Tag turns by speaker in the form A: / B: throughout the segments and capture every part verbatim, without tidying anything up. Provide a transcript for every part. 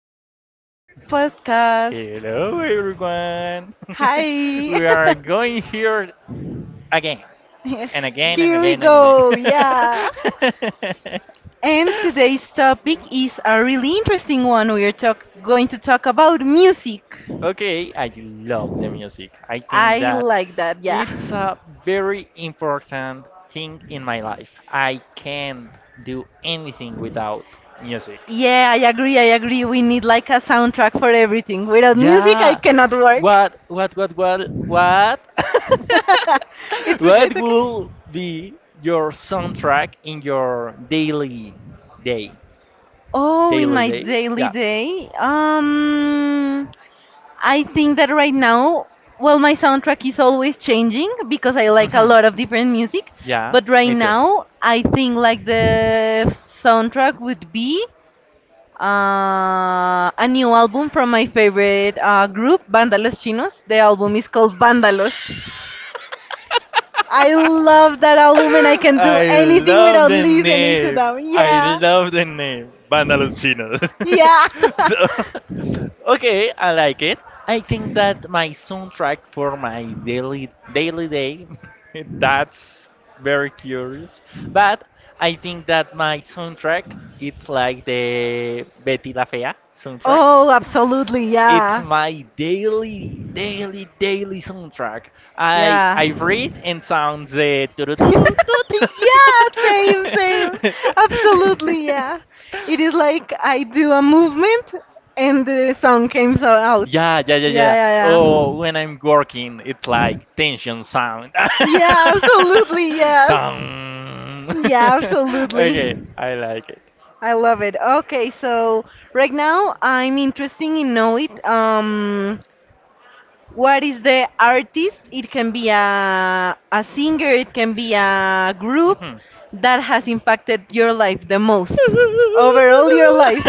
A: everyone to our podcast.
B: Hello everyone.
A: Hi.
B: We are going here again and again and
A: Here we
B: again and again.
A: go. Yeah. And today's topic is a really interesting one. We are talk- going to talk about music.
B: Okay, I love the music. I think
A: I
B: that
A: like that. Yeah.
B: it's a very important thing in my life. I can't do anything without music.
A: Yeah, I agree. I agree. We need like a soundtrack for everything. Without music, I
B: Yeah.
A: cannot work.
B: What what what what what
A: It's okay. It's
B: What
A: okay.
B: will be your soundtrack in your daily day?
A: Oh, in
B: Daily
A: my
B: day?
A: daily
B: Yeah.
A: day, um, I think that right now, well, my soundtrack is always changing because I like a
B: Hmm.
A: lot of different music.
B: Yeah,
A: But right
B: me too.
A: now, I think like the soundtrack would be uh, a new album from my favorite uh, group, Vandalos Chinos. The album is called Vandalos. I love that album and I can do
B: I
A: anything
B: love
A: without
B: the
A: listening to
B: name.
A: them.
B: I
A: Yeah,
B: love the name. Banda Los Chinos.
A: yeah.
B: So, okay, I like it. I think that my soundtrack for my daily daily day. That's very curious. But I think that my soundtrack it's like the Betty La Fea soundtrack.
A: Oh, absolutely,
B: It's
A: yeah,
B: my daily, daily, daily soundtrack. I
A: yeah.
B: I read and sound the tu- tu- tu- tu- tu-.
A: Yeah, same, same. Absolutely, yeah. It is like I do a movement and the song came so out.
B: Yeah, yeah, yeah, yeah.
A: Yeah, yeah,
B: Oh, when I'm working, it's
A: yeah.
B: like tension sound.
A: Yeah, absolutely, yes.
B: Dun.
A: Yeah,
B: Okay,
A: absolutely.
B: I like it.
A: I love it. Okay, so right now I'm interested in know it. Um, what is the artist? It can be a, a singer, it can be a group
B: Mhm.
A: that has impacted your life the most, overall your life.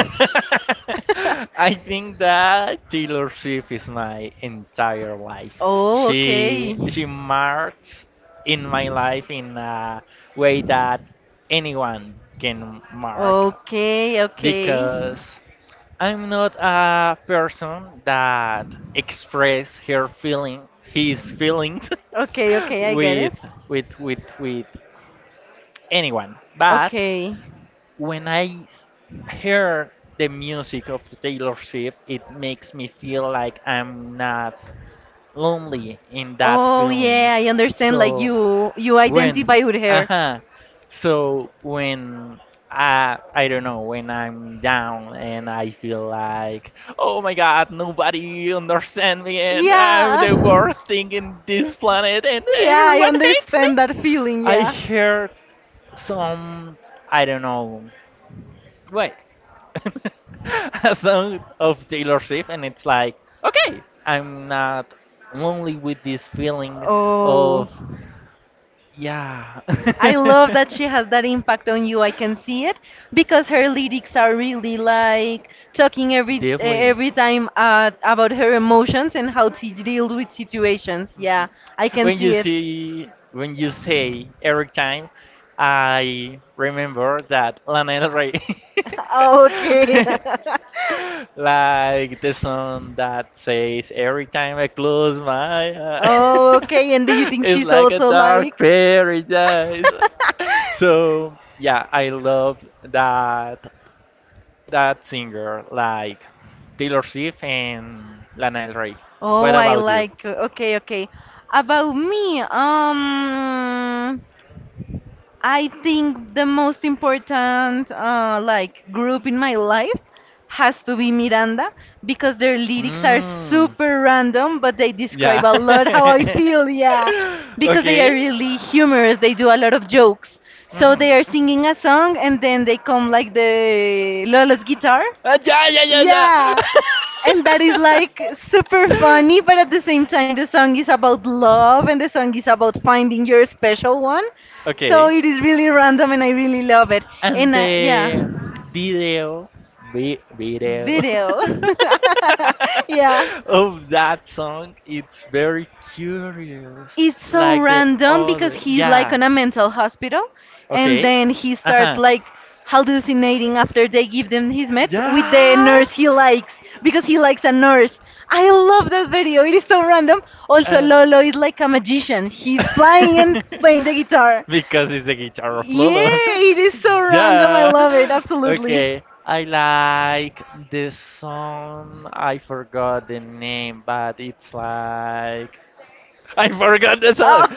B: I think that Taylor Swift is my entire life.
A: Oh,
B: She she
A: okay.
B: marks in my life in a way that anyone can mark,
A: Okay, okay.
B: because I'm not a person that express her feeling his feelings
A: Okay, okay, I get it.
B: with with with with anyone. But
A: Okay.
B: when I s- hear the music of Taylor Swift, it makes me feel like I'm not lonely in that
A: Oh,
B: feeling.
A: yeah, I understand like
B: So
A: you you
B: when,
A: identify with her.
B: uh-huh. So when I, I don't know, when I'm down and I feel like, oh my God, nobody understands me and I'm
A: Yeah.
B: the worst thing in this planet and
A: Yeah, I
B: everyone hates me.
A: understand that feeling,
B: I
A: yeah.
B: heard some, I don't know, wait, a song of Taylor Swift and it's like, okay, I'm not only with this feeling of
A: Oh.
B: yeah.
A: I love that she has that impact on you. I can see it because her lyrics are really like talking every eh,
B: Definitely.
A: every time uh, about her emotions and how to deal with situations. Yeah, I
B: Yeah.
A: can
B: when you
A: see it.
B: see when you say every time, I remember that Lana Del Rey.
A: Okay.
B: Like the song that says, every time I close my eyes,
A: Oh, okay. And do you think
B: it's
A: she's
B: like a
A: also
B: dark
A: like?
B: paradise. So yeah, I love that that singer, like Taylor Swift and Lana Del Rey. What
A: Oh, I
B: about you?
A: like. Okay, okay. About me, um. I think the most important uh, like group in my life has to be Miranda because their lyrics are
B: Mm,
A: super random, but they
B: yeah.
A: describe a lot how I feel. Yeah, because they are
B: Okay.
A: really humorous. They do a lot of jokes. So
B: Mhm.
A: they are singing a song and then they come like the Lola's guitar,
B: Uh, yeah, yeah, yeah,
A: yeah. And that is
B: yeah.
A: like super funny, but at the same time, the song is about love and the song is about finding your special one. So
B: Okay.
A: it is really random and I really love it.
B: And
A: And uh, yeah,
B: the video, vi- video
A: video. Yeah.
B: of that song, it's very curious,
A: It's so
B: like the
A: random because
B: other.
A: he's like
B: Yeah.
A: on a mental hospital and
B: Okay.
A: then he
B: Uh
A: starts
B: huh.
A: like hallucinating after they give them his meds with the
B: Yeah.
A: nurse he likes because he likes a nurse. I love that video. It is so random. Also,
B: And
A: Lolo is like a magician. He's flying and playing the guitar.
B: because it's the guitar of Lolo.
A: Yeah, it is so random. I
B: Yeah.
A: love it. Absolutely.
B: Okay. I like the song. I forgot the name, but it's like I forgot the song.
A: Oh,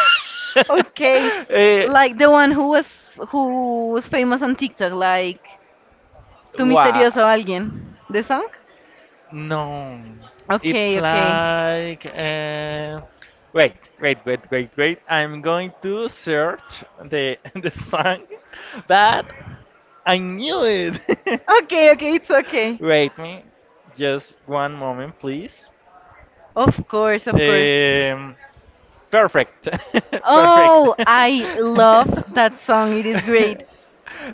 A: okay.
B: Eh,
A: Like the one who was who was famous on TikTok, like Tu
B: what?
A: Misterioso Alguien, the song?
B: No,
A: Okay,
B: it's
A: okay.
B: like, uh, wait, wait, wait, wait, wait. I'm going to search the the song, but I knew it.
A: Okay, okay, it's okay.
B: Wait me, just one moment, please.
A: Of course, of course.
B: Um, Perfect. Perfect.
A: Oh, I love that song. It is great.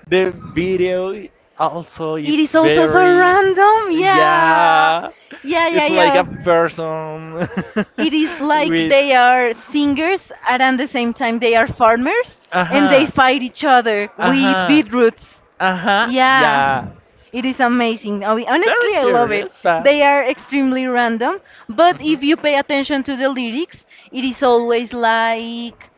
B: The video also
A: It is
B: it's
A: also so
B: very,
A: random. Yeah.
B: yeah,
A: Yeah, yeah,
B: it's like a
A: yeah.
B: person.
A: It is like
B: With,
A: they are singers and at the same time they are farmers and they
B: uh-huh,
A: fight each other with
B: uh-huh,
A: beetroots.
B: uh-huh,
A: Yeah,
B: yeah.
A: it is amazing. I mean,
B: Very
A: honestly, I love it.
B: curious. But.
A: They are extremely random, but
B: Mhm.
A: if you pay attention to the lyrics, it is always like,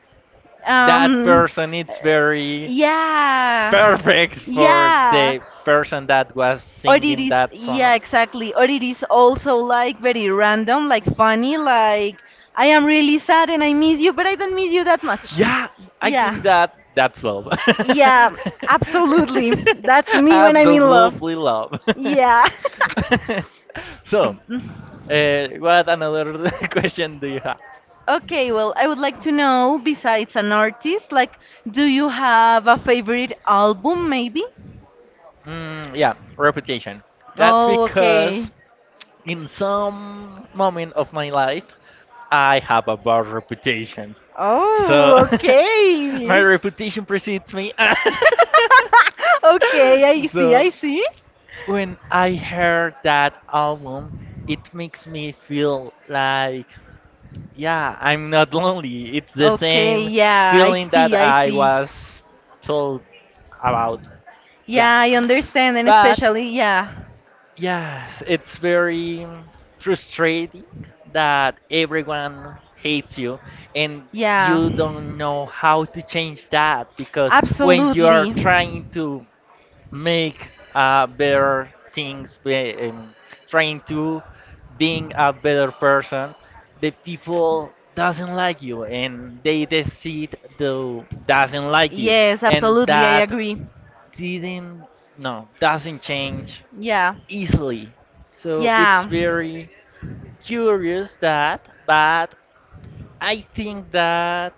B: That
A: um,
B: person is very
A: yeah,
B: perfect for
A: yeah.
B: the person that was
A: Or it
B: singing
A: is,
B: that
A: yeah,
B: song.
A: exactly. Or it is also like very random, like funny, like I am really sad and I miss you, but I don't miss you that much.
B: Yeah, I
A: Yeah,
B: think that that's love.
A: yeah, absolutely. That's me when I'm in love.
B: Absolutely love.
A: Yeah.
B: So, uh, what another question do you have?
A: Okay, well, I would like to know, besides an artist, like, do you have a favorite album, maybe?
B: Mm, yeah, reputation. That's
A: Oh, okay.
B: because in some moment of my life, I have a bad reputation. So
A: Oh,
B: my
A: okay.
B: reputation precedes me.
A: Okay, I see, I
B: So
A: see.
B: when I heard that album, it makes me feel like, yeah, I'm not lonely. It's the
A: Okay,
B: same
A: yeah, I
B: feeling that
A: see, I
B: I
A: see.
B: was told about.
A: Yeah,
B: Yeah.
A: I understand, and
B: But
A: especially, yeah,
B: yes, it's very frustrating that everyone hates you, and
A: yeah,
B: you don't know how to change that because when you are
A: absolutely.
B: trying to make uh, better things, be- um, trying to being a better person, the people doesn't like you and they decide to doesn't like you,
A: Yes,
B: and
A: absolutely, I
B: that
A: agree.
B: didn't no doesn't change
A: Yeah,
B: easily. So it's
A: yeah,
B: very curious that, but I think that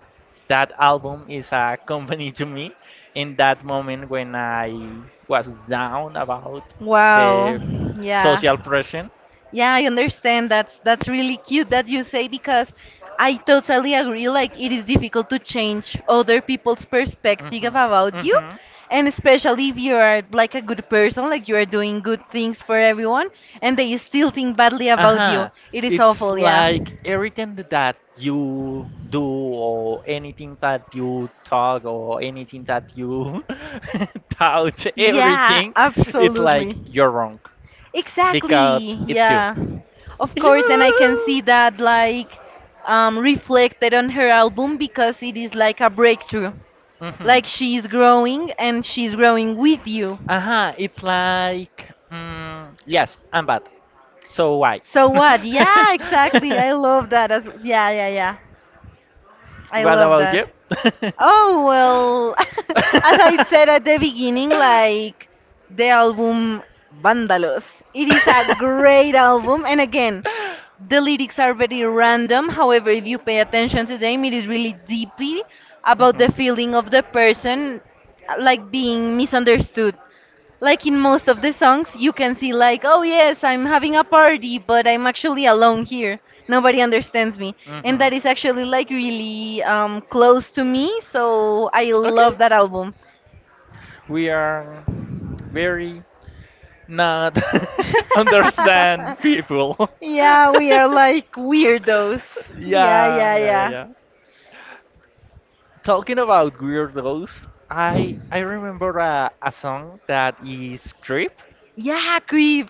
B: that album is a company to me in that moment when I was down about
A: wow,
B: the
A: yeah.
B: social pressure.
A: Yeah, I understand. That's that's really cute that you say because I totally agree. Like it is difficult to change other people's perspective
B: Mhm.
A: about you,
B: Mhm.
A: and especially if you are like a good person, like you are doing good things for everyone, and they still think badly about you.
B: Uh-huh.
A: It is
B: It's
A: awful. Yeah.
B: like everything that you do or anything that you talk or anything that you doubt
A: Yeah,
B: everything, it's
A: absolutely.
B: like you're wrong
A: Exactly.
B: because it's you.
A: Yeah. Of
B: It's
A: course, and I can
B: you.
A: see that like um, reflected on her album because it is like a breakthrough.
B: Hmm.
A: Like she's growing and she's growing with you.
B: Uh-huh. It's like, mm, yes, I'm bad. So why?
A: So what? Yeah, exactly. I love that. As, yeah, yeah, yeah. I
B: What
A: love
B: about
A: that.
B: you?
A: Oh, well, as I said at the beginning, like the album Vandalos. It is a great album. And again, the lyrics are very random. However, if you pay attention to them, it is really deeply about
B: Mhm.
A: the feeling of the person uh, like being misunderstood. Like in most of the songs, you can see like, oh yes, I'm having a party, but I'm actually alone here. Nobody understands me, and
B: Mhm.
A: that is actually like really um, close to me. So I
B: Okay.
A: love that album.
B: We are very not understand people.
A: Yeah, we are like weirdos. Yeah,
B: Yeah,
A: yeah,
B: yeah, yeah,
A: yeah.
B: yeah. Talking about weirdos, I I remember a, a song that is Creep.
A: Yeah, Creep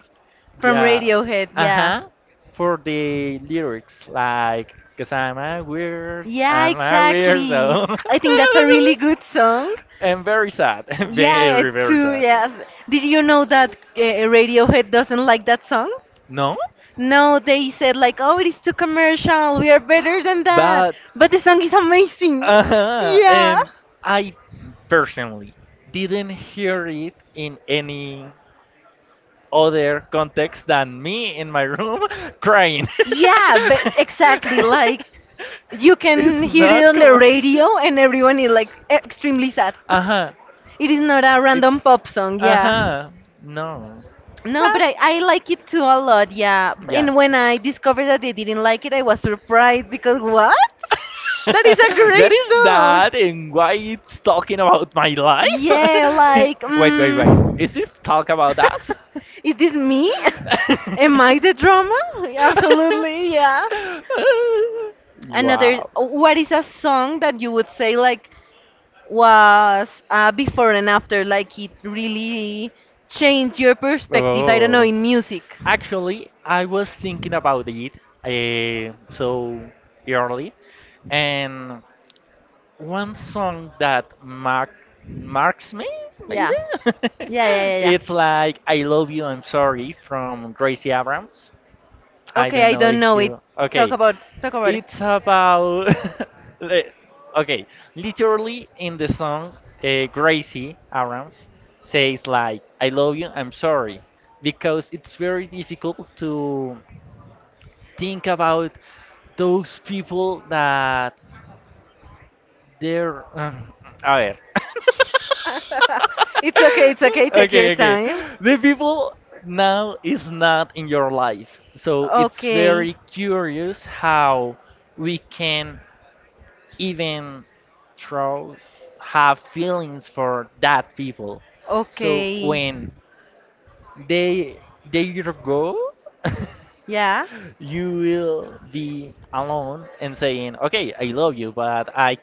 A: from
B: Yeah.
A: Radiohead. Yeah.
B: Uh-huh. For the lyrics, like, cause I'm a weird,
A: Yeah,
B: I'm a
A: exactly.
B: weirdo.
A: I think that's a really good song.
B: And very sad.
A: Yeah, it
B: Very, very
A: too.
B: sad.
A: Yes. Did you know that uh, Radiohead doesn't like that song?
B: No?
A: No, they said like, "Oh, it is too commercial. We are better than that."
B: But.
A: But the song is amazing.
B: Uh-huh.
A: Yeah.
B: And I personally didn't hear it in any other context than me in my room crying.
A: Yeah, but exactly. Like you
B: It's
A: can hear it
B: not
A: on the
B: commercial.
A: radio, and everyone is like extremely sad.
B: Uh huh.
A: It is not a random pop song.
B: Uh
A: Yeah.
B: huh. No.
A: No, but
B: But
A: I, I like it too a lot, yeah.
B: yeah.
A: And when I discovered that they didn't like it, I was surprised because what? That is a
B: What
A: great
B: is
A: song.
B: that, and why it's talking about my life?
A: Yeah, like,
B: Wait, wait, wait.
A: mm,
B: Is this talk about us?
A: is this me? Am I the drama? Absolutely, yeah. Another,
B: Wow.
A: what is a song that you would say like was uh, before and after? Like it really changed your perspective, I don't know,
B: Oh.
A: in music.
B: Actually, I was thinking about it, uh, so early, and one song that mark marks me,
A: Yeah.
B: maybe,
A: Yeah, yeah, yeah, yeah.
B: it's like "I Love You, I'm Sorry" from Gracie Abrams. I
A: Okay,
B: don't
A: I
B: know
A: don't
B: if
A: know it.
B: you
A: Talk
B: okay.
A: about Talk about it.
B: It's about li- okay, literally, in the song, uh, Gracie Abrams says like, "I love you, I'm sorry," because it's very difficult to think about those people that they're. Um, a ver.
A: It's okay, it's okay. Take your
B: Okay, okay.
A: time.
B: The people now is not in your life, so it's
A: Okay.
B: very curious how we can even throw have feelings for that people. So
A: Okay.
B: when they they go,
A: Yeah.
B: you will be alone and saying, "Okay, I love you, but I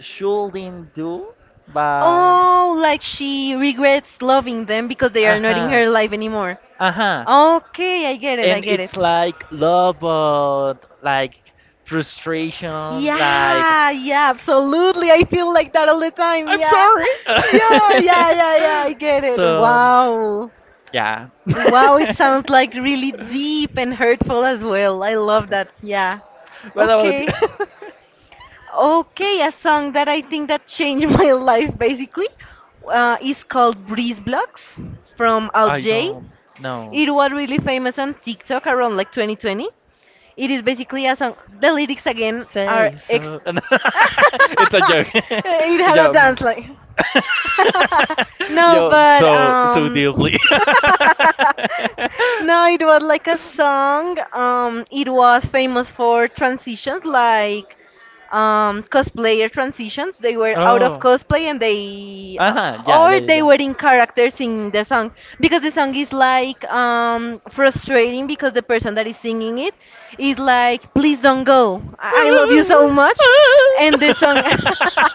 B: shouldn't do." But
A: Oh, like she regrets loving them because they
B: uh
A: are not in
B: huh,
A: her life anymore.
B: uh huh.
A: Okay, I get it. I
B: And
A: get it.
B: it's like love, but like frustration, like
A: Yeah, yeah, absolutely. I feel like that all the time.
B: I'm
A: Yeah.
B: sorry.
A: Yeah, yeah, yeah, yeah. I get
B: So
A: it.
B: um,
A: Wow.
B: yeah.
A: Wow, it sounds like really deep and hurtful as well. I love
B: Yeah.
A: that. Yeah.
B: What about you?
A: Okay. Okay, a song that I think that changed my life basically uh, is called Breeze Blocks from Al
B: I
A: Jay.
B: don't know.
A: It was really famous on TikTok around like twenty twenty. It is basically a song. The lyrics again are
B: Say
A: ex.
B: so. No. It's a joke.
A: It had a
B: Yo. Mm.
A: dance like. No,
B: Yo,
A: but
B: so so
A: um.
B: deeply.
A: No, it was like a song. Um, it was famous for transitions like um, cosplayer transitions. They were out of
B: Oh.
A: cosplay and they, uh,
B: Uh-huh. Yeah, yeah,
A: or they
B: yeah,
A: were in characters in the song because the song is like um, frustrating because the person that is singing it is
B: yeah.
A: like, please don't go. I I love you so much. And the song,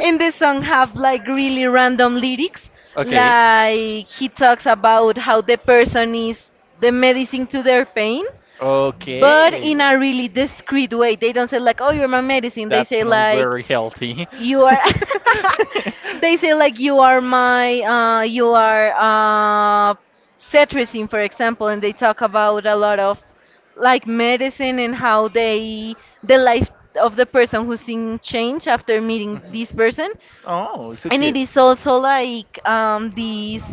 A: and the song have like really random lyrics.
B: Okay.
A: Like he talks about how the person is the medicine to their pain but in
B: Okay.
A: a really discreet way. They don't say like, "Oh, you're my medicine." They
B: That's
A: say
B: not
A: like,
B: very healthy.
A: "You are." They say like, "You are my, uh, you are uh, cetirizine, for example," and they talk about a lot of like medicine and how they the life of the person who's in change after meeting this person
B: Oh, so
A: and it is also like um, this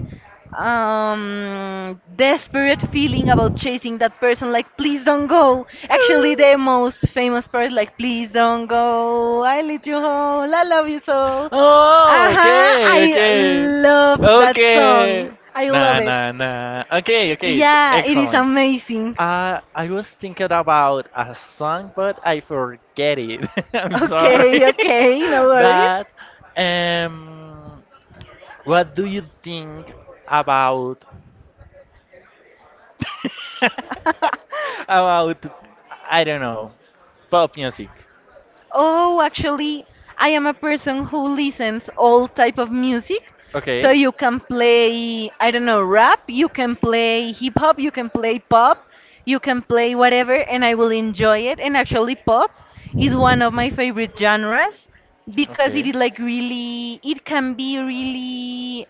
A: um, desperate feeling about chasing that person, like, please don't go. Actually, the most famous part, like, please don't go. I lead you home. I love you so. Uh-huh.
B: oh,
A: I
B: okay,
A: love
B: love
A: that
B: okay.
A: song.
B: I.
A: I
B: Nah,
A: love
B: love, nah,
A: it.
B: that. Nah. Okay, okay.
A: Yeah, it is amazing.
B: Uh, I was thinking about a song, but I forget it. I'm sorry.
A: Okay, okay, no worries.
B: But um, what do you think about about, I don't know, pop music?
A: Oh, actually, I am a person who listens all type of music. So
B: Okay,
A: you can play, I don't know, rap, you can play hip hop, you can play pop, you can play whatever, and I will enjoy it. And actually, pop is one of my favorite genres because it
B: okay.
A: is like really, it can be really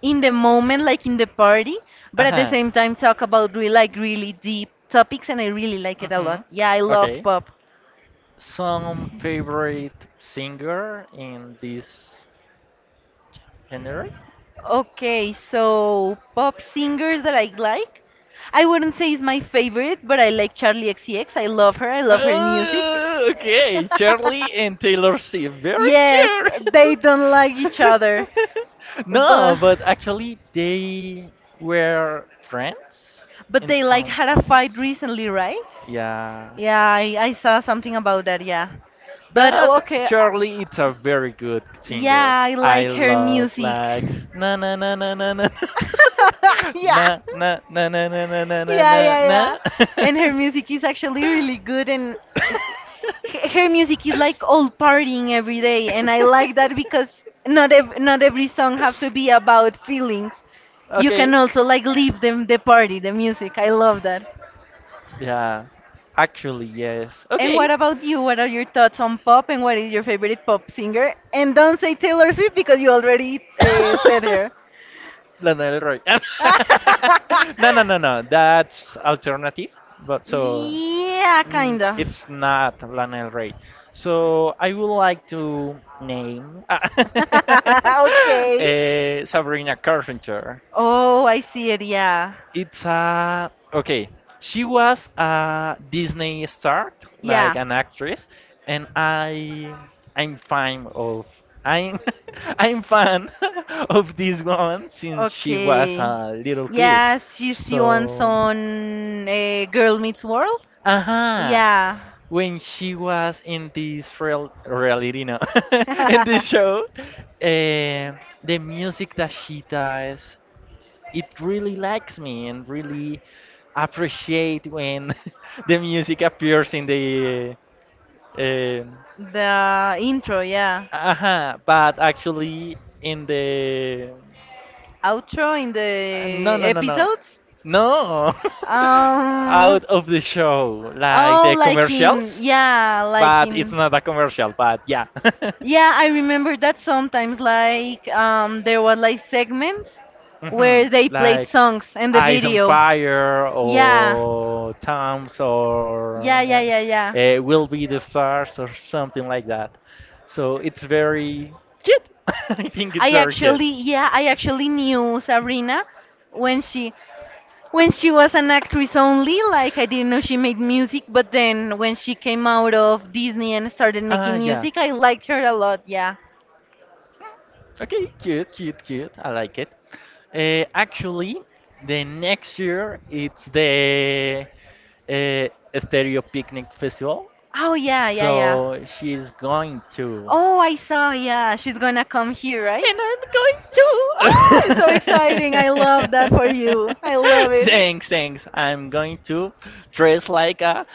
A: in the moment, like in the party, but
B: Uh
A: at the
B: huh.
A: same time talk about really like really deep topics, and I really like it a lot.
B: Mhm.
A: Yeah, I love
B: Okay.
A: pop.
B: Some favorite singer in this genre?
A: Okay, so pop singers that I like. I wouldn't say is my favorite, but I like Charlie X C X. I love her. I love her music.
B: Uh, okay, Charlie and Taylor Swift. Very
A: Yes, they don't like each
B: cute.
A: other.
B: No,
A: But
B: but actually they were friends
A: but
B: in
A: they like
B: some
A: had a fight
B: times.
A: recently, right?
B: Yeah.
A: Yeah, I, I saw something about that, yeah. But oh,
B: But
A: okay, uh,
B: Charlie it's a very good singer.
A: yeah, I
B: I
A: like her
B: love
A: music.
B: like, na na na na na na.
A: Yeah.
B: Na na na na na na na na
A: Yeah,
B: na
A: yeah, yeah.
B: na.
A: And her music is actually really good, and h- h- her music is like all partying every day, and I like that because not ev- not every song have to be about feelings. You can
B: Okay.
A: also like leave them the party, the music. I love that.
B: Yeah. Actually, yes.
A: And
B: Okay.
A: what about you? What are your thoughts on pop, and what is your favorite pop singer? And don't say Taylor Swift because you already uh, said her.
B: Lana Del Rey. No, no, no, no. That's alternative, but so,
A: Yeah,
B: mm,
A: kind of.
B: it's not Lana Del Rey. So I would like to name uh,
A: Okay.
B: Sabrina Carpenter.
A: Oh, I see it. Yeah.
B: It's a, okay. She was a Disney star, like
A: Yeah.
B: an actress, and I I'm fan of I'm I'm fan of this woman since she was
A: Okay.
B: a little kid.
A: Yes, she's she wants
B: So,
A: on uh, Girl Meets World.
B: aha,
A: Yeah.
B: when she was in this real reality, no, in this show, eh, the music that she does it really likes me and really appreciate when the music appears in the uh,
A: The intro, yeah.
B: uh but actually in the,
A: Outro in the
B: uh, no, no, no, no,
A: episodes?
B: no, out
A: Um,
B: of the show, like
A: oh,
B: the
A: like in,
B: commercials,
A: yeah, like
B: but it's
A: in.
B: not a commercial, but yeah.
A: Yeah, I remember that sometimes like um there were like segments where
B: Mhm,
A: they played
B: like
A: songs in the
B: Eyes on
A: video.
B: Fire
A: Yeah.
B: or Tom's or,
A: Yeah, yeah,
B: uh,
A: yeah, yeah.
B: uh, Will Be the Stars or something like that. So it's very cute. I think it's
A: I
B: very cute.
A: actually Yeah, I actually knew Sabrina when she when she was an actress only, like I didn't know she made music, but then when she came out of Disney and started
B: Ah,
A: making
B: yeah.
A: music, I liked her a lot, yeah.
B: Okay, cute, cute, cute. I like it. Uh, actually, the next year it's the, uh, Stereo Picnic Festival.
A: Oh yeah, yeah, yeah.
B: So she's going to.
A: Oh, I saw, yeah, she's gonna come here, right?
B: And I'm
A: Oh, it's so exciting.
B: going
A: I love that
B: to.
A: for you. I love it.
B: Thanks, thanks. I'm going to dress like a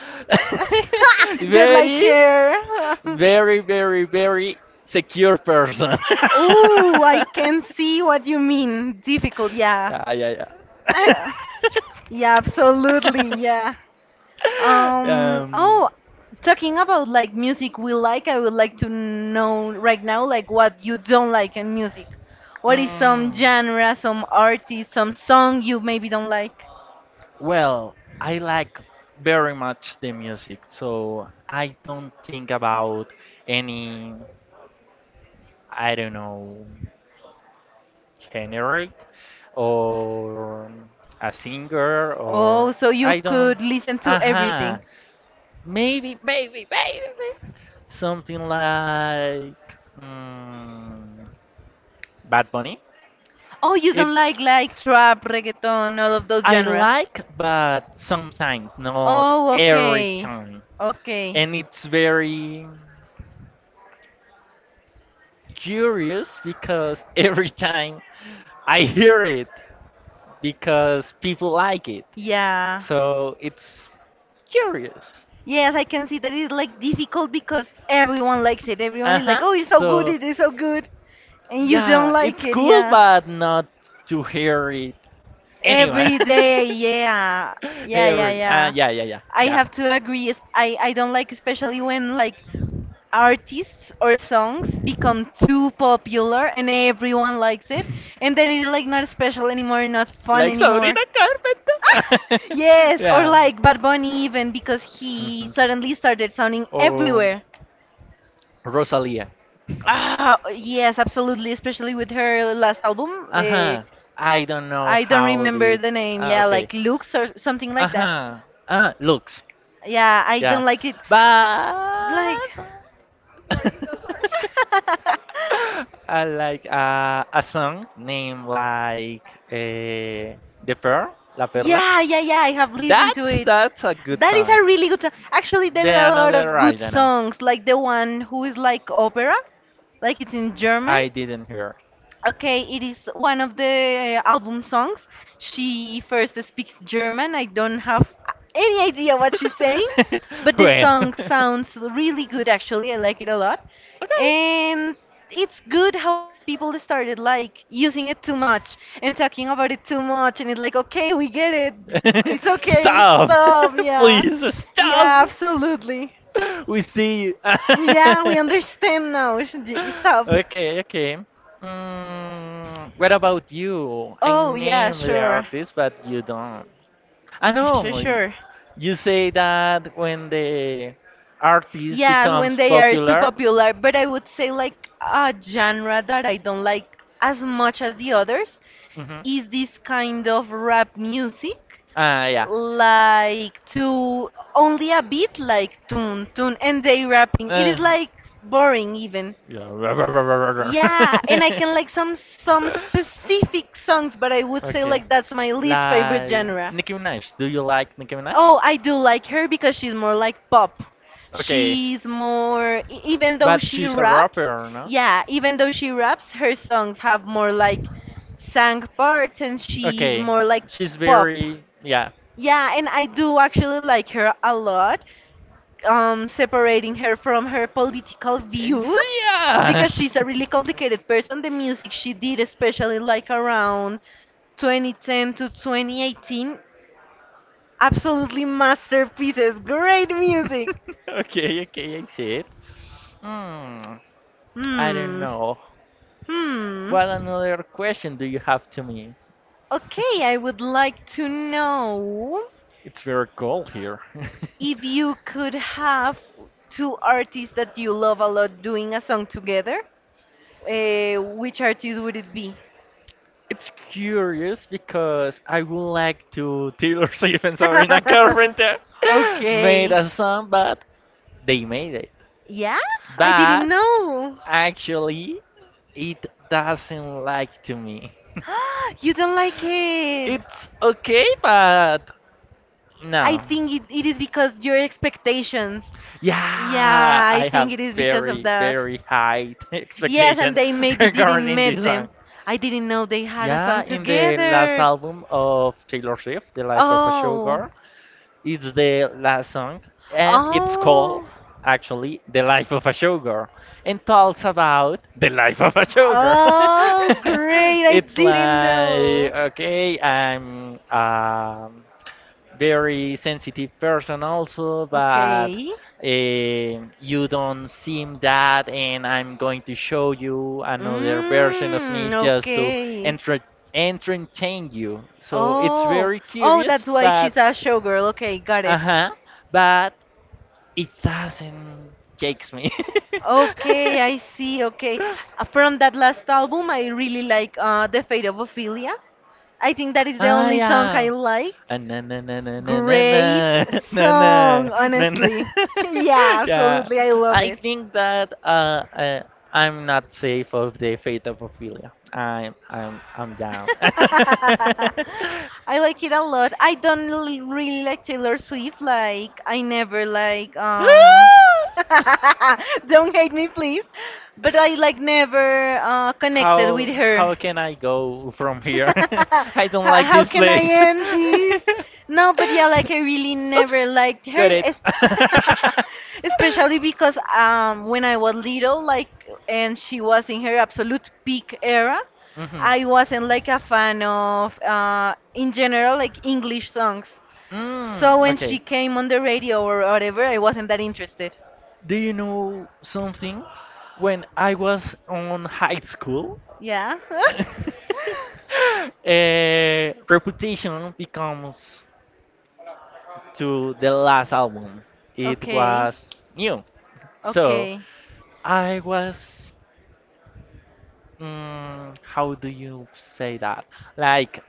A: Just like
B: very,
A: hair.
B: very, very, very secure person.
A: Ooh, I can see what you mean. Difficult, yeah.
B: Yeah, yeah,
A: I, yeah, absolutely, yeah.
B: yeah.
A: Um,
B: um,
A: oh, talking about like music we like, I would like to know right now like what you don't like in music. What is some
B: Mm,
A: genre, some artist, some song you maybe don't like?
B: well, I like very much the music, so I don't think about any, I don't know, generate or a singer
A: Oh,
B: or
A: so you
B: I don't.
A: could listen to
B: Aha,
A: everything.
B: maybe, maybe, maybe, maybe. Something like, mm, Bad Bunny.
A: Oh, you don't
B: It's,
A: like like trap, reggaeton, all of those
B: I
A: genres.
B: like, but sometimes, not
A: Oh,
B: every
A: okay.
B: time.
A: Okay.
B: And it's very curious, because every time I hear it, because people like it.
A: Yeah.
B: So it's curious.
A: Yes, I can see that it's like difficult because everyone likes it. Everyone
B: Uh
A: is like,
B: huh.
A: "Oh, it's so good.
B: So,
A: It is so good." And you don't
B: yeah,
A: like
B: it's
A: it.
B: cool,
A: Yeah.
B: but not to hear it anyway.
A: Every day, yeah. Yeah, yeah,
B: Every, uh,
A: yeah.
B: yeah, yeah, yeah,
A: I
B: yeah.
A: have to agree. es- I I don't like especially when like artists or songs become too popular and everyone likes it, and then it's like not special anymore, not fun
B: Like
A: anymore.
B: Sabrina
A: Ah!
B: Carpenter?
A: Yes, or
B: Yeah.
A: like Bad Bunny even because he
B: Mhm.
A: suddenly started sounding
B: Oh,
A: everywhere.
B: Rosalia.
A: Ah, yes, absolutely, especially with her last album,
B: Uh
A: eh,
B: huh. I don't know
A: I don't
B: how
A: remember
B: did.
A: the name,
B: Ah,
A: yeah,
B: okay.
A: like Lux or something
B: Uh
A: like that.
B: huh. Ah, looks.
A: Yeah, I
B: Yeah.
A: don't like it, like.
B: But I like, uh, a song named like, uh, The Pearl, La Perla.
A: Yeah, yeah, yeah. I have listened
B: That,
A: to it.
B: that's a good
A: That is
B: song.
A: a really good song. Actually,
B: The
A: there are a lot
B: another
A: of
B: I
A: good
B: don't know.
A: songs, like the one who is like opera, like it's in German.
B: I didn't hear.
A: Okay, it is one of the uh, album songs. She first speaks German. I don't have any idea what she's saying, but the
B: Well.
A: song sounds really good actually. I like it a lot. And it's good, however, people started like using it too much and talking about it too much and it's like, okay, we get it.
B: Okay.
A: It's okay.
B: Stop!
A: So, yeah.
B: Please
A: Yeah,
B: stop!
A: absolutely.
B: We see you.
A: Yeah, we understand now. Stop.
B: Okay, okay. Mm, what about you? I
A: Oh, yeah,
B: name the
A: sure.
B: artist, but you don't. I
A: Sure,
B: know.
A: sure.
B: You say that when the artist
A: Yes, when
B: becomes
A: they are too
B: popular.
A: popular, but I would say like a genre that I don't like as much as the others
B: Hmm.
A: is this kind of rap music,
B: Uh, yeah.
A: like to only a beat, like tune, tune, and they rapping. It
B: Uh,
A: is like boring even.
B: Like,
A: Yeah, and I
B: yeah.
A: can like some some specific songs, but I would say
B: Okay.
A: like that's my least favorite
B: Like
A: genre.
B: Nicki Minaj. Do you like Nicki Minaj?
A: Oh, I do like her because she's more like pop.
B: Okay.
A: She's more, e- even though
B: But
A: she
B: she's a
A: raps,
B: rapper, no?
A: yeah, even though she raps, her songs have more like sang parts and she's
B: Okay,
A: more like
B: she's
A: pop.
B: very yeah.
A: Yeah, and I do actually like her a lot, um, separating her from her political
B: It's,
A: views
B: yeah.
A: because she's a really complicated person. The music she did, especially like around twenty ten to twenty eighteen. Absolutely masterpieces. Great music.
B: Okay, okay, I see it. Hmm, I don't
A: Hmm.
B: know.
A: Hmm.
B: What another question do you have to me?
A: Okay, I would like to know
B: It's very cold here.
A: if you could have two artists that you love a lot doing a song together. Uh, which artist would it be?
B: It's curious because I would like to Taylor Swift and Sabrina Carpenter made
A: Okay.
B: a song, but they made it.
A: Yeah? I didn't
B: But
A: know.
B: actually, it doesn't like to me.
A: You don't like it.
B: It's okay, but
A: I
B: no.
A: think it, it is because your expectations.
B: Yeah,
A: Yeah, I
B: I have
A: think it is because of
B: very,
A: that.
B: very high
A: Yes, and
B: expectation
A: they maybe didn't
B: regarding this
A: meet
B: song.
A: them. I didn't know they had a
B: Yeah,
A: song
B: in the last
A: together.
B: album of Taylor Swift, The Life of a
A: Oh.
B: Showgirl, it's the last song, and it's called
A: Oh.
B: actually The Life of a Showgirl, and talks about the life of a showgirl.
A: Oh, great. I
B: It's
A: didn't
B: like,
A: know.
B: okay, I'm um, very sensitive person also, but
A: Okay.
B: eh, you don't seem that, and I'm going to show you another version of me
A: Mm,
B: just to
A: okay.
B: enter entertain you. So it's
A: Oh,
B: very
A: oh,
B: curious,
A: that's why
B: but
A: she's a showgirl. Okay, got
B: uh
A: it.
B: huh, but it doesn't takes me.
A: Okay, I see. Okay, Uh, from that last album, I really like uh, "The Fate of Ophelia." I think that is the
B: Ah,
A: only song I
B: yeah.
A: liked.
B: Uh, na na na na na na na
A: Great
B: na na
A: song,
B: na na.
A: honestly. Yeah,
B: Yeah,
A: absolutely, I love
B: I
A: it.
B: think that uh, uh, I'm not safe of the fate of Ophelia. I'm I'm I'm down.
A: I like it a lot. I don't l- really like Taylor Swift. Like I never like um. Don't hate me, please. But I like never uh, connected with
B: How how
A: her.
B: can I go from here? I don't
A: how,
B: like
A: how
B: this
A: can I
B: place.
A: end this? No, but yeah, like I really
B: Oops.
A: never liked her,
B: Got it.
A: es- especially because um, when I was little, like, and she was in her absolute peak era,
B: Mhm.
A: I wasn't like a fan of, uh, in general, like English songs. So
B: Mm,
A: when she
B: okay.
A: came on the radio or whatever, I wasn't that interested.
B: Do you know something? When I was on high school,
A: Yeah.
B: eh, Reputation becomes to the last album. It
A: Okay.
B: was new. So
A: Okay.
B: I was, mm, how do you say that? Like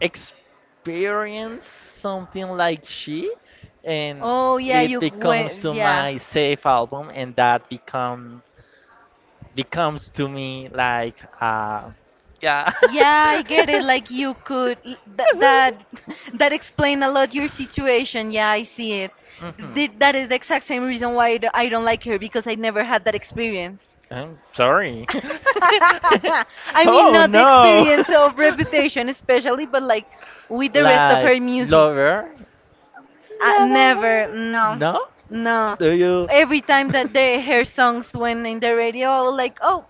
B: experience something like she, and
A: Oh yeah,
B: it
A: you
B: becomes
A: went.
B: to
A: Yeah.
B: my safe album, and that become becomes to me like uh, yeah.
A: Yeah, I get it. Like you could, that that that explain a lot your situation. Yeah, I see it.
B: Mhm.
A: Th that is the exact same reason why I d- I don't like her because I never had that experience.
B: I'm sorry.
A: I mean,
B: Oh
A: not the
B: no.
A: experience of Reputation especially, but like with the rest of her
B: Like
A: music.
B: lover?
A: I never,
B: Lover.
A: no,
B: No?
A: no.
B: Do you?
A: Every time that they hear songs when in the radio, I was like, oh,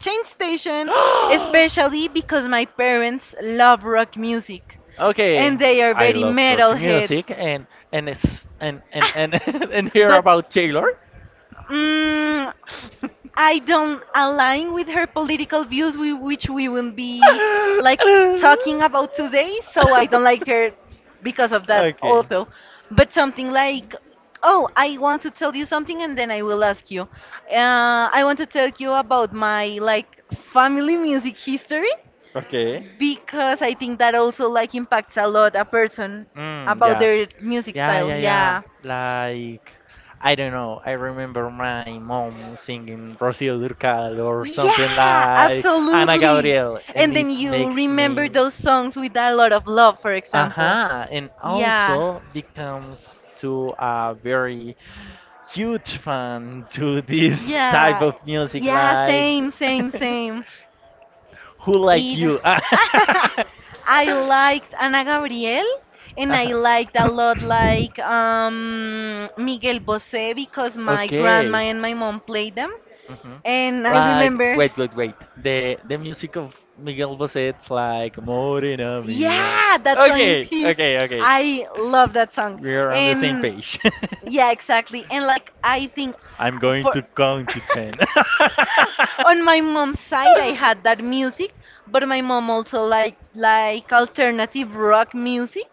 A: change station, especially because my parents love rock music
B: Okay,
A: and they are
B: I
A: very
B: love rock
A: metal heads.
B: music and and it's, and and and and hear
A: But
B: about Taylor.
A: mm I don't align with her political views, we, which we will be like talking about today. So I don't like her because of that
B: Okay,
A: also. But something like, oh, I want to tell you something, and then I will ask you. Uh, I want to tell you about my like family music history
B: okay.
A: because I think that also like impacts a lot a person
B: Mm,
A: about
B: yeah.
A: their music
B: Yeah,
A: style.
B: yeah, yeah.
A: Yeah.
B: Like, I don't know. I remember my mom singing Rocío Durcal or something
A: Yeah,
B: like Ana
A: absolutely.
B: Gabriel, and
A: And
B: it
A: then you
B: makes
A: remember
B: me.
A: those songs with a lot of love, for example.
B: Aha, and
A: Yeah,
B: also becomes to a very huge fan to this type
A: yeah,
B: of music,
A: yeah,
B: like.
A: same, same, same.
B: Who like
A: It.
B: you?
A: I liked Ana Gabriel and I
B: Uh-huh.
A: liked a lot like um, Miguel Bosé because my grandma
B: Okay.
A: and my mom played them.
B: Mhm.
A: And I
B: Like,
A: remember,
B: wait, wait, wait. The the music of Miguel Bosé, it's like Morena Mia.
A: yeah, that song is
B: Okay,
A: his.
B: okay, okay.
A: I love that song.
B: We are on the same
A: And
B: page.
A: yeah, exactly. And like I think,
B: I'm going
A: for
B: to count to ten.
A: on my mom's side, I had that music, but my mom also like like alternative rock music,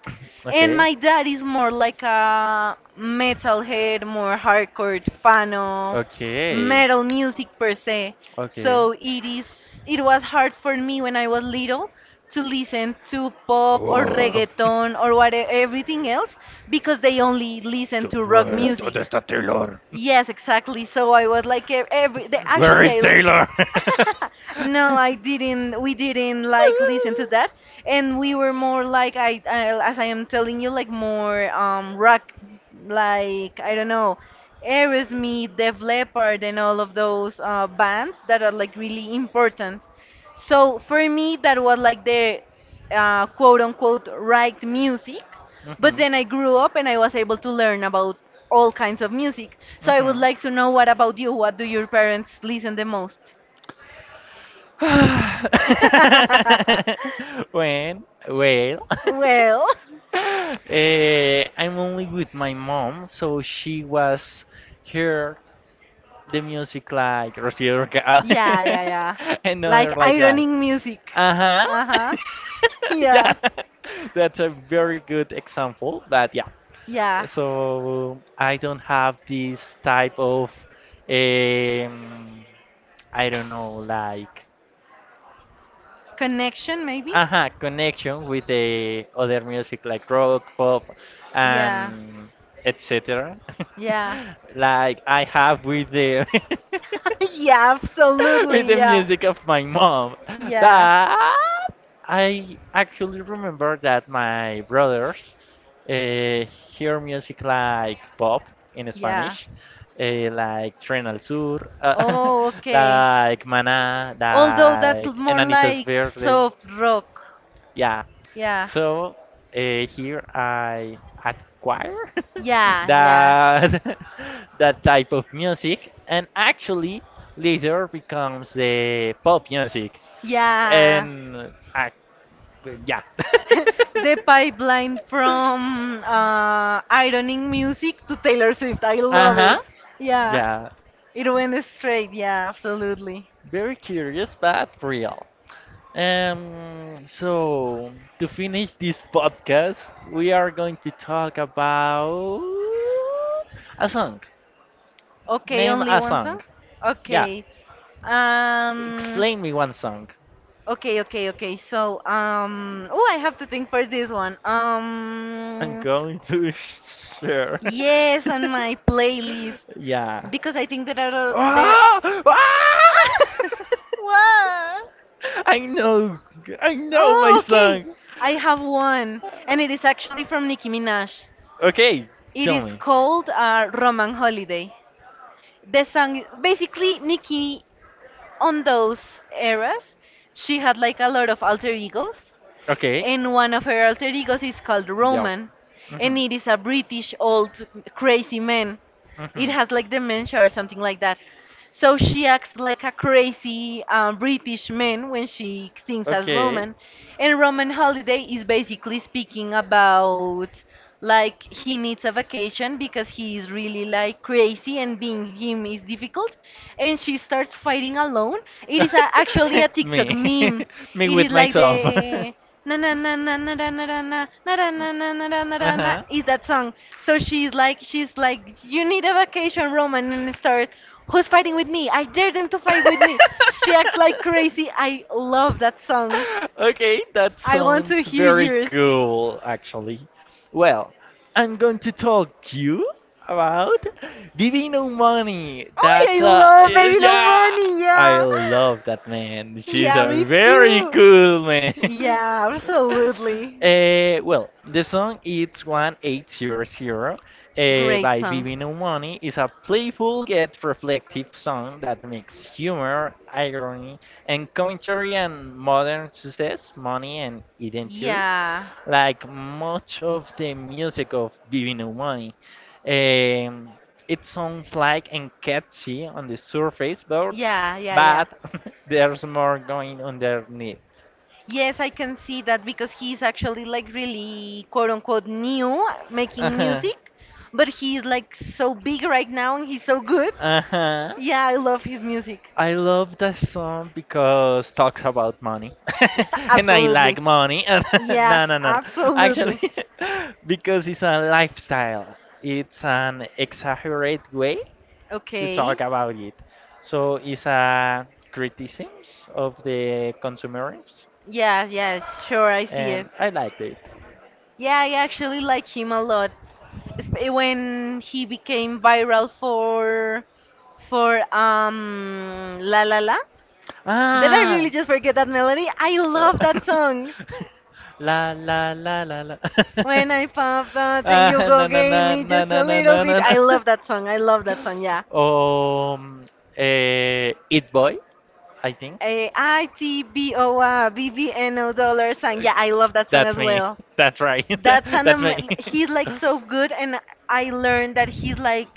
A: and
B: Okay.
A: my dad is more like a metalhead, more hardcore fan of
B: Okay.
A: metal music per se.
B: Okay.
A: So it is it was hard for me when I was little to listen to pop or
B: Oh,
A: reggaeton or what everything else because they only listen
B: yo-
A: to rock
B: eh, ¿Dónde
A: music.
B: está Taylor?
A: Yes, exactly. So I was like e- every. They,
B: Where
A: actually,
B: is
A: I.
B: Taylor?
A: No, I didn't. We didn't like listen to that, and we were more like I, I as I am telling you, like more um rock, like I don't know, Aerosmith, Def Leppard, and all of those uh, bands that are like really important. So for me, that was like the uh, quote unquote right music. But
B: Mm-hmm.
A: then I grew up and I was able to learn about all kinds of music. So I would
B: Mm-hmm.
A: like to know, what about you? What do your parents listen the most?
B: When? Well.
A: Well,
B: Eh, I'm only with my mom, so she was here the music like Rocío Durcal
A: yeah, yeah, yeah.
B: and
A: Like
B: other like that.
A: ironing music.
B: Uh huh.
A: Uh huh.
B: Yeah,
A: Yeah,
B: that's a very good example. But yeah,
A: yeah.
B: so I don't have this type of um, I don't know like
A: Connection, maybe?
B: aha connection with the other music like rock, pop,
A: Yeah,
B: and et cetera
A: yeah.
B: Like I have with the
A: Yeah,
B: with
A: absolutely,
B: the
A: yeah.
B: music of my mom.
A: Yeah,
B: But I actually remember that my brothers uh, hear music like pop in
A: yeah.
B: Spanish, eh, like Tren Al Sur, uh,
A: Oh, okay.
B: like Mana,
A: Although that's
B: like
A: l- more
B: Enanitos
A: like
B: Verde.
A: soft rock.
B: Yeah.
A: Yeah,
B: So uh, here I acquire
A: yeah, yeah.
B: that that type of music, and actually later becomes the pop music,
A: Yeah,
B: and I, yeah.
A: the pipeline from uh, ironing music to Taylor Swift. I
B: Uh
A: love it.
B: huh.
A: Yeah,
B: Yeah.
A: it went straight. Yeah, absolutely.
B: Very curious, but real. Um, so, to finish this podcast, we are going to talk about a song.
A: Okay,
B: Name
A: only
B: a
A: one
B: song.
A: song?
B: Yeah.
A: Okay. Um,
B: Explain me one song.
A: okay, okay, okay. So, um, oh, I have to think for this one.
B: I'm
A: Um,
B: going to sh- share.
A: yes, on my playlist
B: Yeah.
A: because I think there are there.
B: Ah! Ah!
A: Ah, what?
B: I know, I know my
A: Oh, okay.
B: song.
A: I have one, and it is actually from Nicki Minaj.
B: Okay,
A: It
B: tell
A: is
B: me.
A: called uh, Roman Holiday. The song, basically, Nicki, on those eras, she had like a lot of alter egos,
B: Okay.
A: and one of her alter egos is called
B: Yeah.
A: Roman, and
B: Mhm.
A: it is a British old crazy man. It
B: Mhm.
A: has like dementia or something like that. So she acts like a crazy uh, British man when she sings as
B: Okay.
A: Roman, and Roman Holiday is basically speaking about like he needs a vacation because he is really like crazy and being him is difficult, and she starts fighting alone. It is a, actually a TikTok
B: Me.
A: meme.
B: Me
A: It
B: with
A: is like
B: myself.
A: the na na na na na na na na na na na na na na na na na na,
B: Uh-huh.
A: is that song. So she's like she's like you need a vacation, Roman, and it starts. Who's fighting with me? I dare them to fight with me. She acts like crazy. I love that song.
B: Okay, that
A: I want to
B: sounds
A: hear
B: very
A: yours.
B: cool, actually. Well, I'm going to talk you about Vivino Money.
A: Oh,
B: That's
A: I
B: uh,
A: love Baby No
B: yeah,
A: Money.
B: I
A: Yeah,
B: love that man. She's
A: yeah, me
B: a very
A: too.
B: cool man.
A: Yeah, absolutely.
B: Uh, well, the song it's one eight zero zero uh,
A: Great
B: by
A: song.
B: Vivino Money is a playful yet reflective song that makes humor, irony, and commentary and modern success, money and identity.
A: Yeah,
B: Like much of the music of Vivino Money, um, it sounds like and catchy on the surface, but
A: yeah, yeah, yeah.
B: but there's more going underneath.
A: Yes, I can see that because he's actually like really quote unquote new making
B: Uh-huh.
A: music, but he's like so big right now and he's so good.
B: Uh huh.
A: Yeah, I love his music.
B: I love that song because talks about money, and I
A: Absolutely.
B: like money. And no,
A: Yes,
B: no, no, no.
A: absolutely.
B: Actually, because it's a lifestyle. It's an exaggerated way to
A: Okay.
B: talk about it. So it's a criticisms of the consumerism,
A: Yeah, yeah, sure, I see it.
B: and I liked it.
A: Yeah, I actually like him a lot. Esp- eh, When he became viral for for um La La La. Did I
B: Ah,
A: really just forget that melody? I love
B: Uh,
A: that song.
B: la la la la la.
A: When I pop that and
B: Ah,
A: you
B: na
A: go
B: na na
A: gave me
B: na
A: just
B: na
A: a
B: na na
A: little
B: na.
A: bit.
B: Na.
A: I love that song. I love that song. Yeah.
B: Um, eh, It Boy, I think.
A: A I T B O R B B N O dollar song.
B: Uh,
A: Yeah, I love that song
B: That's
A: as
B: me.
A: well.
B: That's right.
A: That's an
B: That's me.
A: am- he's like so good, and I learned that he's like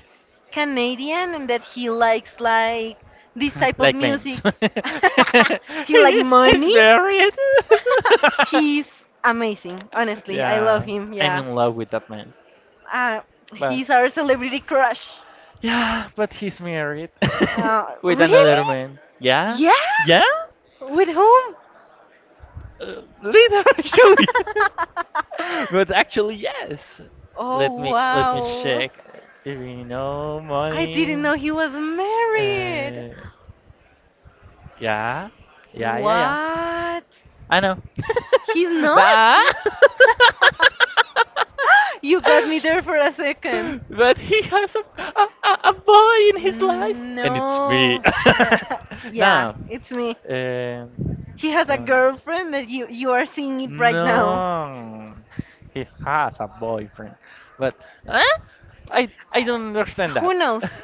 A: Canadian and that he likes like this type of
B: Like men's.
A: music. He like
B: he he's
A: money.
B: married.
A: He's amazing. Honestly, I love
B: Yeah,
A: him.
B: I'm
A: Yeah.
B: in love with that man.
A: Uh,
B: But
A: he's our celebrity crush.
B: yeah, but he's married
A: Uh,
B: with
A: really?
B: another man. Yeah,
A: Yeah?
B: yeah.
A: With whom?
B: Uh, later, actually. But actually, yes. Let
A: Oh,
B: me let me
A: wow.
B: check. If you know
A: I
B: money.
A: didn't know he was married.
B: Uh, yeah, yeah, yeah, yeah.
A: What?
B: I know.
A: He's not?
B: Bah.
A: You got me there for a second.
B: But he has a, a, a a boy in his life, and it's me.
A: No. Yeah,
B: Now,
A: it's me.
B: um,
A: He has a
B: um,
A: girlfriend that you you are seeing it right now.
B: no, he has a boyfriend, but huh? I I don't understand that.
A: Who knows?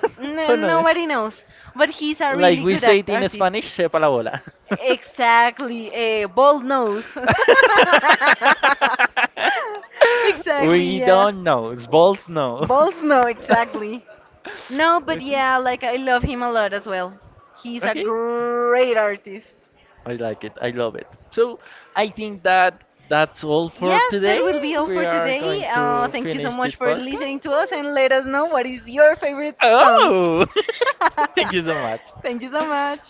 B: Who
A: N-
B: knows?
A: nobody knows. But he's a
B: Like
A: really
B: we
A: good
B: say it
A: act-
B: in
A: artist.
B: Spanish, sepa la bola.
A: Exactly, a bold nose. Exactly,
B: We
A: yeah.
B: don't know. Balls no.
A: Bold no, exactly. No, but
B: Okay.
A: yeah, like I love him a lot as well. He's a
B: Okay.
A: great artist.
B: I like it. I love it. So I think that that's all for
A: Yes, that
B: today.
A: will be all for
B: We are
A: today.
B: going
A: Uh,
B: to
A: thank you so
B: finish the
A: much for listening
B: podcast.
A: to us and let us know what is your favorite song.
B: Oh, thank you so much.
A: Thank you so much.